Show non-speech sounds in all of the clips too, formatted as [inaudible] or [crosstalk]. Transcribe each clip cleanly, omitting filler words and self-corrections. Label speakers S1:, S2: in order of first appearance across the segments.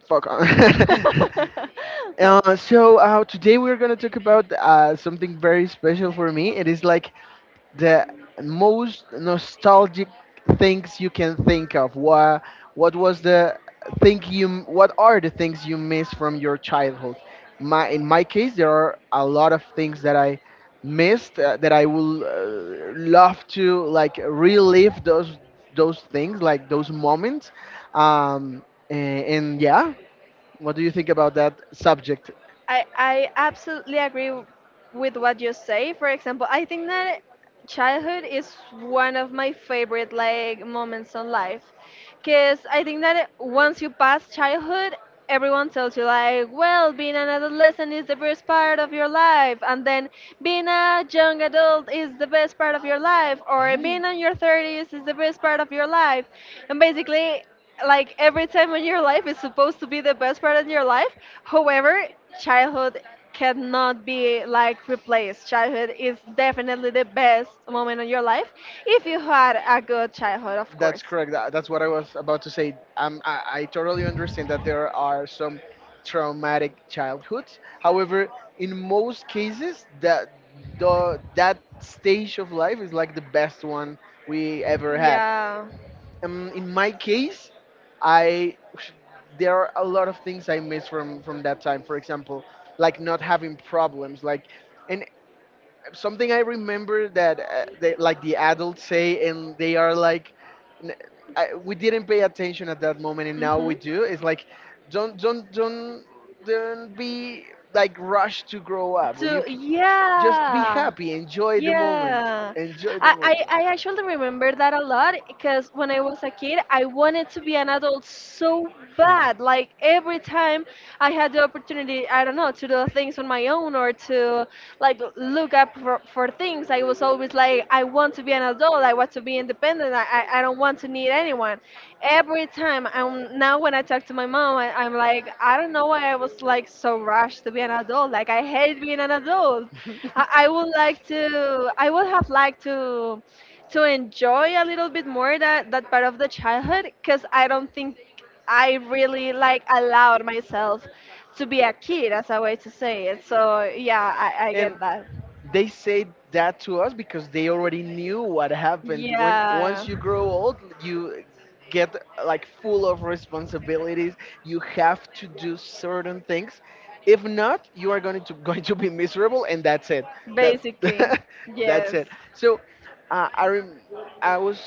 S1: fuck on.
S2: [laughs]
S1: [laughs] Today we're gonna talk about something very special for me. It is like the most nostalgic things you can think of. What was the what are the things you miss from your childhood? My in my case, there are a lot of things that I missed, that I will love to like relive those things, like those moments. Um, and yeah, what do you think about that subject?
S2: I absolutely agree with what you say. For example, I think that childhood is one of my favorite like moments in life, because I think that once you pass childhood, everyone tells you like, well, being an adolescent is the best part of your life, and then being a young adult is the best part of your life, or
S1: Mhm.
S2: being in your 30s is the best part of your life, and basically, like every time in your life is supposed to be the best part in your life. However, childhood cannot be like replaced. Childhood is definitely the best moment of your life if you had a good childhood, of
S1: That's
S2: course.
S1: correct. That's what I was about to say. I totally understand that there are some traumatic childhoods. However, in most cases, that stage of life is like the best one we ever had.
S2: Yeah.
S1: In my case, I there are a lot of things I miss from that time. For example, like not having problems, like. And something I remember that like the adults say, and they are like, n I we didn't pay attention at that moment, and now
S2: Hmm.
S1: we do. It's like, don't don't don't don't be like rushed to grow up.
S2: So
S1: Just be
S2: yeah,
S1: happy,
S2: yeah.
S1: enjoy
S2: I,
S1: the
S2: I,
S1: moment.
S2: I actually remember that a lot because when I was a kid, I wanted to be an adult so bad. Like every time I had the opportunity, I don't know, to do things on my own or to like look up for things, I was always like, I want to be an adult. I want to be independent. I don't want to need anyone. Every time I'm Now when I talk to my mom, I'm like, I don't know why I was like so rushed to be an adult. Like I hate being an adult.
S1: [laughs]
S2: I would have liked to enjoy a little bit more that part of the childhood, because I don't think I really like allowed myself to be a kid, as a way to say it. So yeah, I
S1: And
S2: get that.
S1: they say that to us because they already knew what happened when,
S2: Yeah.
S1: once you grow old, you get like full of responsibilities, you have to do certain things. If not, you are going to [laughs] going to be miserable, and that's it. That
S2: Basically.
S1: [laughs] that's
S2: Yes.
S1: it. So I rem- I was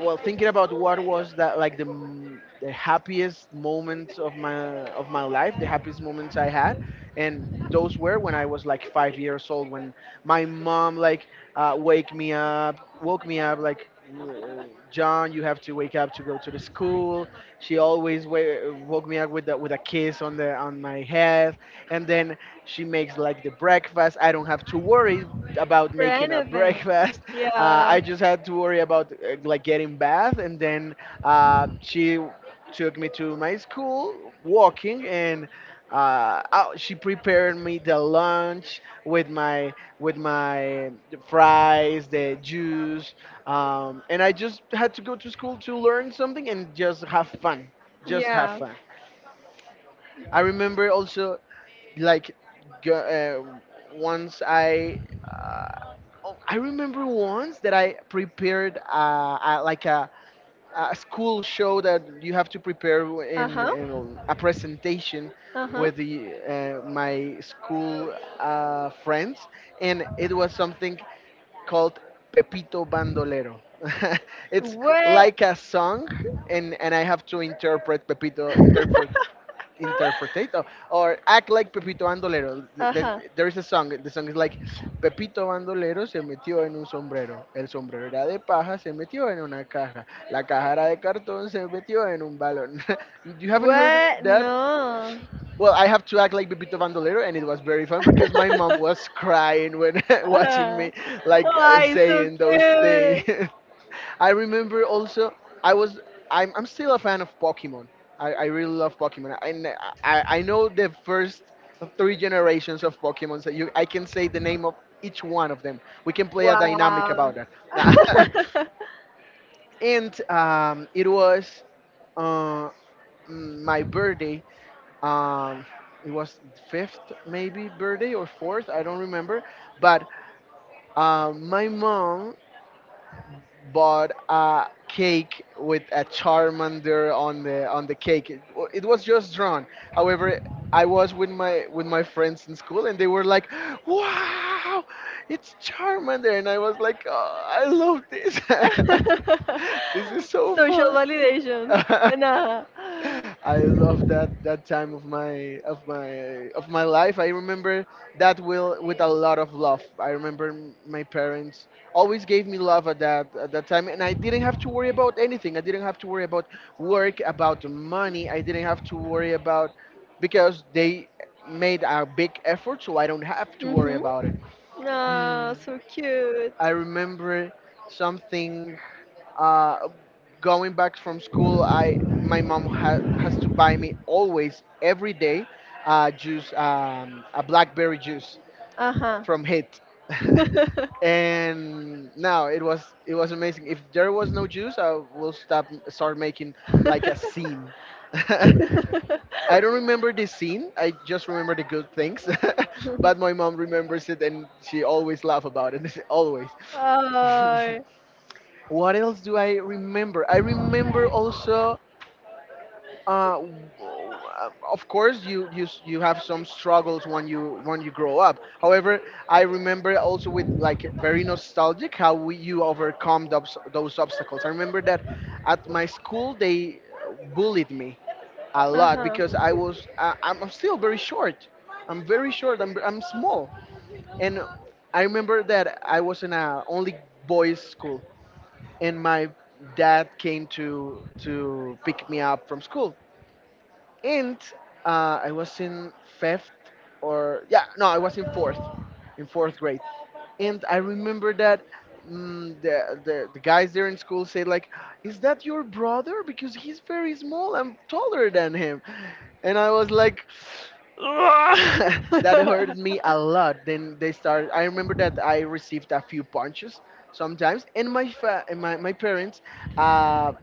S1: well, thinking about what was that, like the happiest moments of my life, the happiest moments I had. And those were when I was like 5 years old, when my mom like woke me up like, John, you have to wake up to go to the school." She always woke me up with with a kiss on the on my head, and then she makes like the breakfast. I don't have to worry about
S2: For
S1: making a [laughs]
S2: anything.
S1: breakfast.
S2: Yeah.
S1: I just had to worry about, like, getting bath, and then she took me to my school walking, and she prepared me the lunch with my fries, the juice, and I just had to go to school to learn something and just have fun, just have
S2: Yeah.
S1: fun. I remember also, like, go, uh, once I. Oh, I remember once that I prepared like a school show that you have to prepare
S2: Uh huh.
S1: in a presentation
S2: Uh huh.
S1: with my school friends, and it was something called Pepito Bandolero. [laughs] It's
S2: Wait.
S1: like a song, and I have to interpret Pepito,
S2: [laughs]
S1: or act like Pepito Bandolero.
S2: uh huh.
S1: There is a song, the song is like Pepito Bandolero se metió en un sombrero, el sombrero era de paja, se metió en una caja, la caja era de cartón, se metió en un balón. [laughs] You haven't heard
S2: What?
S1: that?
S2: No.
S1: Well, I have to act like Pepito Bandolero, and it was very fun because my
S2: [laughs]
S1: mom was crying when [laughs] watching
S2: uh,
S1: me, like,
S2: why so
S1: saying those things.
S2: cute?
S1: [laughs] I remember also, I was I'm still a fan of Pokemon. I really love Pokemon, and I know the first three generations of Pokemon. So you I can say the name of each one of them. We can play a dynamic
S2: Wow.
S1: about that.
S2: [laughs]
S1: [laughs] And it was, uh, my birthday, um, it was fifth maybe birthday or fourth, I don't remember. But um, my mom bought a cake with a charmander on the cake. It was just drawn. However, I was with my friends in school, and they were like, "Wow, it's charmander," and I was like, "Oh, I love this."
S2: [laughs]
S1: [laughs] This is so
S2: Social
S1: fun.
S2: validations. Nah.
S1: [laughs] I love that time of my life. I remember that will with a lot of love. I remember my parents always gave me love at that time, and I didn't have to worry about anything. I didn't have to worry about work, about money. I didn't have to worry about, because they made a big effort, so I don't have to worry
S2: Mhm.
S1: about it.
S2: Nah,
S1: Hmm.
S2: so cute.
S1: I remember something, uh, going back from school, I my mom has to buy me always every day juice, a blackberry juice
S2: Uh huh.
S1: from Hit. [laughs] And now it was, it was amazing. If there was no juice, I will stop start making like a scene. [laughs] I don't remember the scene. I just remember the good things. [laughs] But my mom remembers it, and she always laugh about it. [laughs] Always. [laughs] What else do I remember? I remember also, uh, w- of course, you you have some struggles when you grow up. However, I remember also with like very nostalgic how you overcome those obstacles. I remember that at my school they bullied me a
S2: [laughs] uh
S1: lot,
S2: huh.
S1: because I'm still very short. I'm very short. I'm small, and I remember that I was in a only boys school, and my dad came to pick me up from school. And I was in fifth, or, yeah, no, I was in fourth, in fourth grade. And I remember that, the guys there in school said like, "Is that your brother? Because he's very small. I'm taller than him." And I was like. [laughs] That hurted me a
S2: [laughs]
S1: lot. Then they started. I remember that I received a few punches sometimes, and and my parents, uh,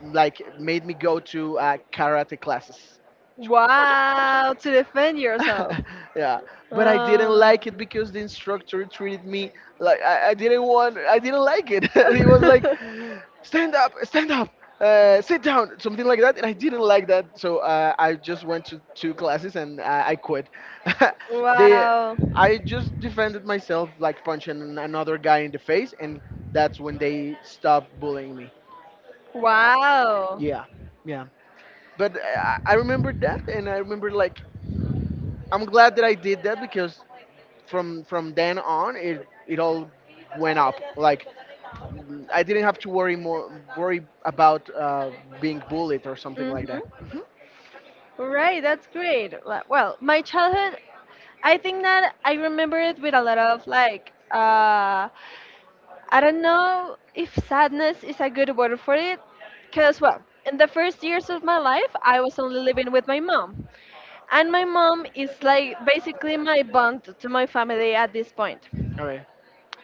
S1: like made me go to karate classes.
S2: Wow, to defend yourself.
S1: [laughs] Yeah, but I didn't
S2: Uh,
S1: like it because the instructor treated me like I didn't want. I didn't like it. [laughs] He was like, stand up, sit down," something like that, and I didn't like that. So I just went to two classes, and I quit.
S2: [laughs]
S1: [laughs] they,
S2: wow,
S1: I just defended myself like punching another guy in the face, and that's when they stopped bullying me.
S2: wow.
S1: Yeah, yeah. But I I remember that, and I remember like I'm glad that I did that, because from then on it it all went up. Like, mm, I didn't have to worry more, worry about being bullied or something like that.
S2: Mm-hmm.
S1: Mhm.
S2: Right, that's great. Well, my childhood, I think that I remember it with a lot of like, I don't know if sadness is a good word for it, because well, in the first years of my life, I was only living with my mom. And my mom is like basically my bond to my family at this point.
S1: All right.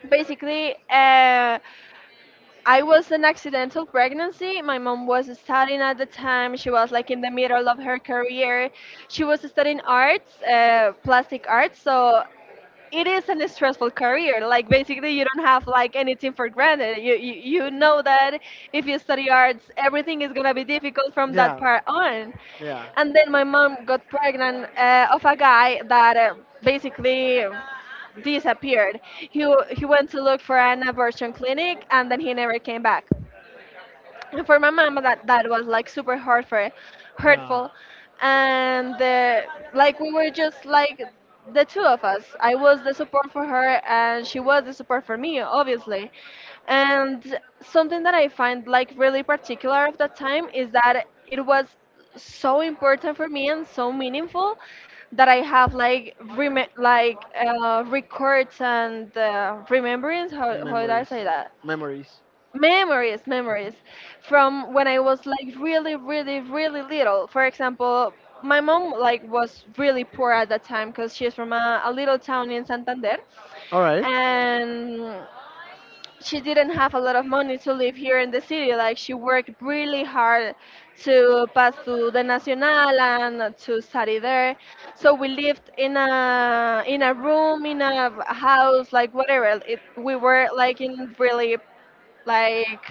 S2: Basically, I was an accidental pregnancy. My mom was studying at the time. She was like in the middle of her career. She was studying arts, plastic arts. So it is a stressful career. Like basically, you don't have like anything for granted. You know that if you study arts, everything is gonna be difficult from that
S1: Yeah.
S2: part on.
S1: Yeah.
S2: And then my mom got pregnant of a guy that basically disappeared. He went to look for an abortion clinic, and then he never came back. [laughs] And for my mama, that was like super hard, for
S1: Yeah,
S2: hurtful. And like, we were just like the two of us. I was the support for her, and she was the support for me, obviously. And something that I find like really particular of that time is that it was so important for me and so meaningful that I have like like records and remembrance. How did I
S1: memories.
S2: say that?
S1: Memories.
S2: Memories. From when I was like really really really little. For example, my mom like was really poor at that time because she's from a little town in Santander,
S1: All right,
S2: and she didn't have a lot of money to live here in the city. Like, she worked really hard to pass to the nacional and to study there. So we lived in a room in a house, like, whatever. We were like in really like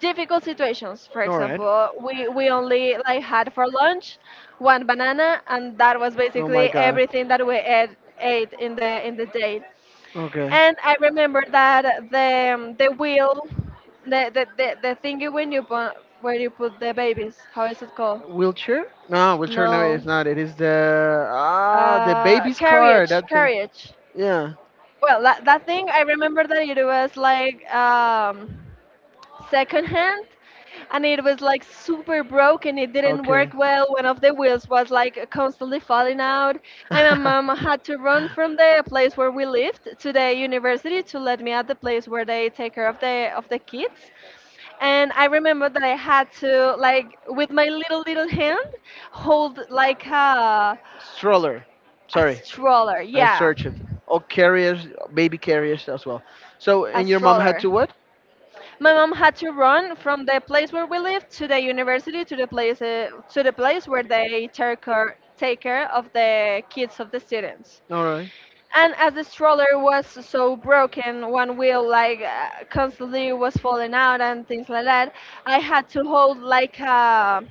S2: difficult situations. For
S1: all right.
S2: example, we only like had for lunch one banana, and that was
S1: Oh my
S2: basically
S1: god.
S2: everything that we ate in the day.
S1: Okay.
S2: And I remember that the wheel, the thingy when you put, where you put the babies. How is it called?
S1: Wheelchair? No, wheelchair. No, it's
S2: No,
S1: not. It is the ah the baby's car.
S2: carriage,
S1: That thing.
S2: carriage.
S1: Yeah.
S2: Well, that thing, I remember that it was like secondhand. And it was like super broken. It didn't
S1: Okay.
S2: work
S1: [laughs]
S2: well. One of the wheels was like constantly falling out, and my mom had to run from the place where we lived to the university to let me at the place where they take care of the kids. And I remember that I had to, like, with my little little hand, hold like a,
S1: Stroller.
S2: a
S1: Sorry,
S2: stroller.
S1: I
S2: Yeah,
S1: searched it. Oh, carriers, baby carriers as well. So,
S2: a
S1: and your mom had
S2: stroller.
S1: to what?
S2: My mom had to run from the place where we lived to the university to the place, where they take care of the kids of the students.
S1: All right.
S2: And as the stroller was so broken, one wheel like constantly was falling out and things like that, I had to hold like a,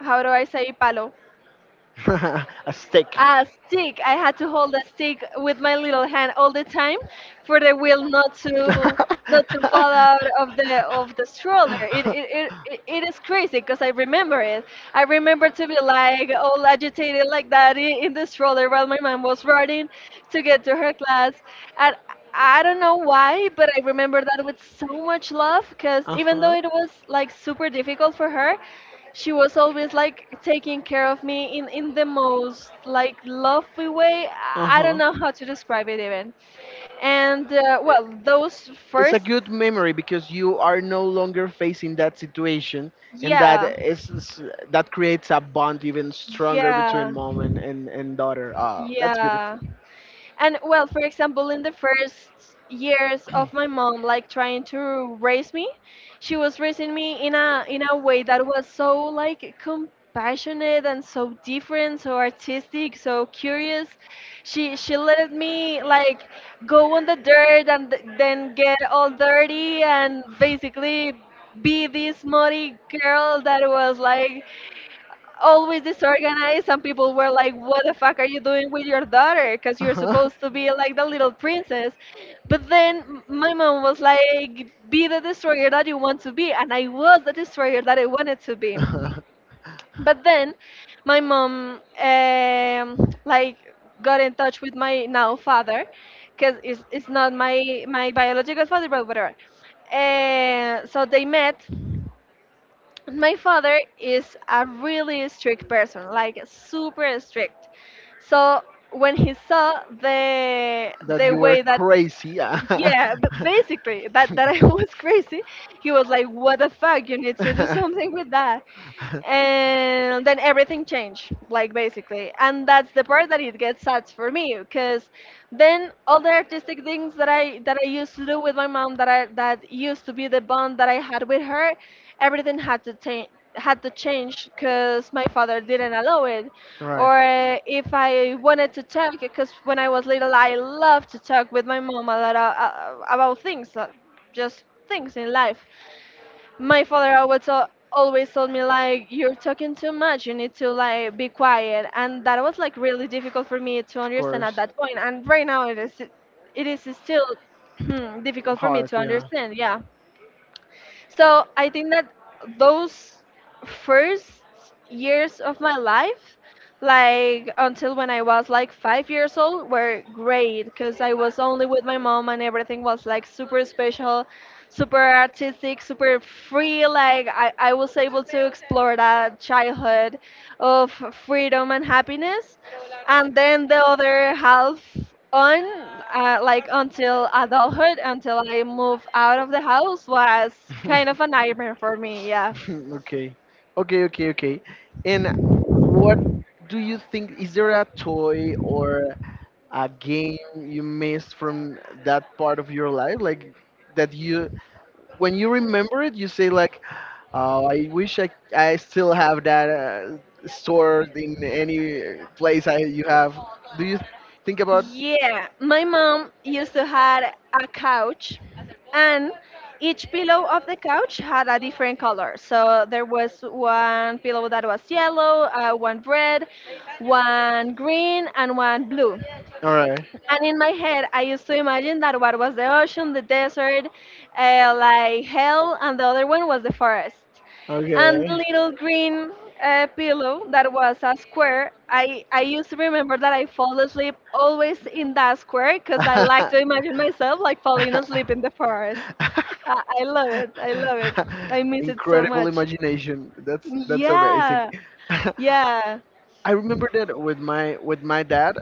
S2: how do I say, palo?
S1: [laughs] A stick.
S2: A stick. I had to hold a stick with my little hand all the time for the wheel not to fall out
S1: [laughs]
S2: of the stroller. It is crazy because I remember it. I remember to be like all agitated like that in the stroller while my mom was riding to get to her class. And I don't know why, but I remember that with so much love, because
S1: Uh
S2: even though
S1: huh.
S2: it was like super difficult for her, she was always like taking care of me in the most like lovely way. I don't
S1: Uh
S2: know how to describe it even. And
S1: huh.
S2: well, those
S1: It's a
S2: first,
S1: good memory because you are no longer facing that situation, and that
S2: yeah,
S1: is- that creates a bond even stronger between
S2: yeah,
S1: mom and and daughter. Ah, that's
S2: yeah.
S1: beautiful.
S2: And well, for example, in the first years of my mom like trying to raise me, she was raising me in a way that was so like compassionate and so different, so artistic, so curious. She let me like go
S1: [laughs]
S2: on the dirt and then get all dirty, and basically be this muddy girl that was like always disorganized. And people were like, what the fuck are you doing with your daughter, because you're
S1: Uh-huh.
S2: supposed to be like the little princess. But then my mom was like, be the destroyer that you want to be, and I was the destroyer that I wanted to be.
S1: Uh-huh.
S2: But then my mom, like, got in touch with my now father, because it's not my biological father, but whatever. So they met. My father is a really strict person, like super strict. So when he saw the
S1: That
S2: the
S1: you were
S2: way that,
S1: crazy. [laughs]
S2: yeah, but basically that I [laughs] was crazy. He was like, "What the fuck? You need to do something with that." And then everything changed,
S1: Uh-huh.
S2: like, basically. And that's the part that it gets sad for me, because then all the artistic things that I used to do with my mom, that used to be the bond that I had with her, everything had to change because my father didn't allow it.
S1: Right.
S2: Or if I wanted to talk, because when I was little, I loved to talk with my mom a lot about things, just things in life. My father always always told me like, "You're talking too much. You need to, like, be quiet," and that was like really difficult for me to
S1: Of
S2: understand at
S1: course.
S2: that point. And right now, it is still [clears throat] difficult for me
S1: Hard.
S2: to
S1: Yeah.
S2: understand. Yeah. So I think that those first years of my life, like until when I was like 5 years old, were great, because I was only with my mom and everything was like super special, super artistic, super free. Like, I was able to explore that childhood of freedom and happiness. And then the other half, on like, until adulthood, until I moved out of the house, was kind
S1: [laughs] [laughs]
S2: of a nightmare for me. Yeah.
S1: Okay. Okay. Okay. Okay. And what do you think? Is there a toy or a game you missed from that part of your life, like, that you, when you remember it, you say like, "Oh, I wish I still have that, stored in any place I you have." Do you think about?
S2: Yeah, my mom used to had a couch, and each pillow of the couch had a different color. So there was one pillow that was yellow, one red, one green, and one blue.
S1: All right.
S2: And in my head, I used to imagine that what was the ocean, the desert, like, hell, and the other one was the forest. And the
S1: Okay.
S2: little green pillow that was a square, I used to remember that I fall asleep always in that square, because I like to imagine myself like falling asleep in the forest.
S1: [laughs]
S2: I love it. I love it. I miss it so
S1: Incredible
S2: much.
S1: imagination. That's amazing.
S2: Yeah.
S1: [laughs] I
S2: Yeah.
S1: remember that with my dad.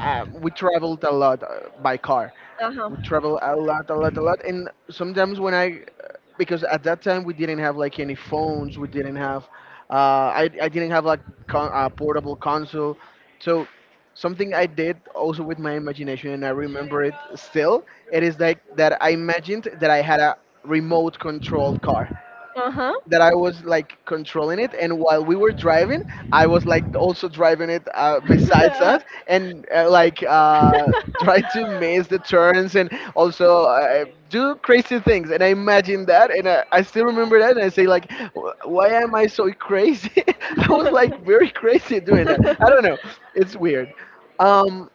S1: Uh, we traveled a lot, by car.
S2: Uh
S1: We
S2: huh.
S1: traveled a lot, a lot, a lot. And sometimes when I, because at that time we didn't have like any phones, we didn't have, uh, I didn't have like portable console. So something I did also with my imagination, and I remember it still, it is like that I imagined that I had a remote controlled car
S2: Uh
S1: that I was like controlling it, and while we were driving, I was like also driving it besides us, and [laughs] try to miss the turns and also do crazy things. And I imagine that, and I still remember that, and I say like, Why am I so crazy?" [laughs] I was
S2: huh.
S1: like very [laughs] crazy doing that. I
S2: [laughs]
S1: don't
S2: [laughs]
S1: know. It's weird. Um,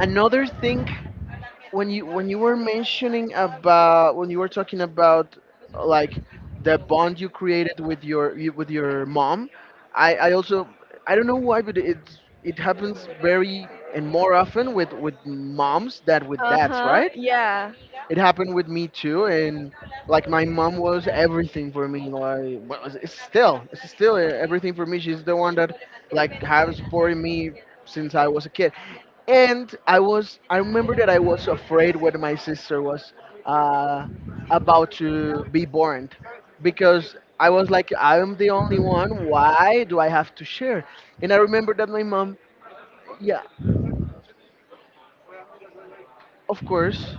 S1: another thing, when you were mentioning about when you were talking about, like, the bond you created with with your mom, I also, I don't know why, but it's it happens very and more often with moms than with
S2: uh
S1: dads,
S2: huh.
S1: right?
S2: Yeah.
S1: It happened with me too. And like my mom was everything for me, like what was, it's still, it's still everything for me. She's the one that like has supported me since I was a kid. And I remember that I was afraid when my sister was, uh, about to be born, because I was like, I'm the only one, why do I have to share? And I remember that my mom. Yeah, of course.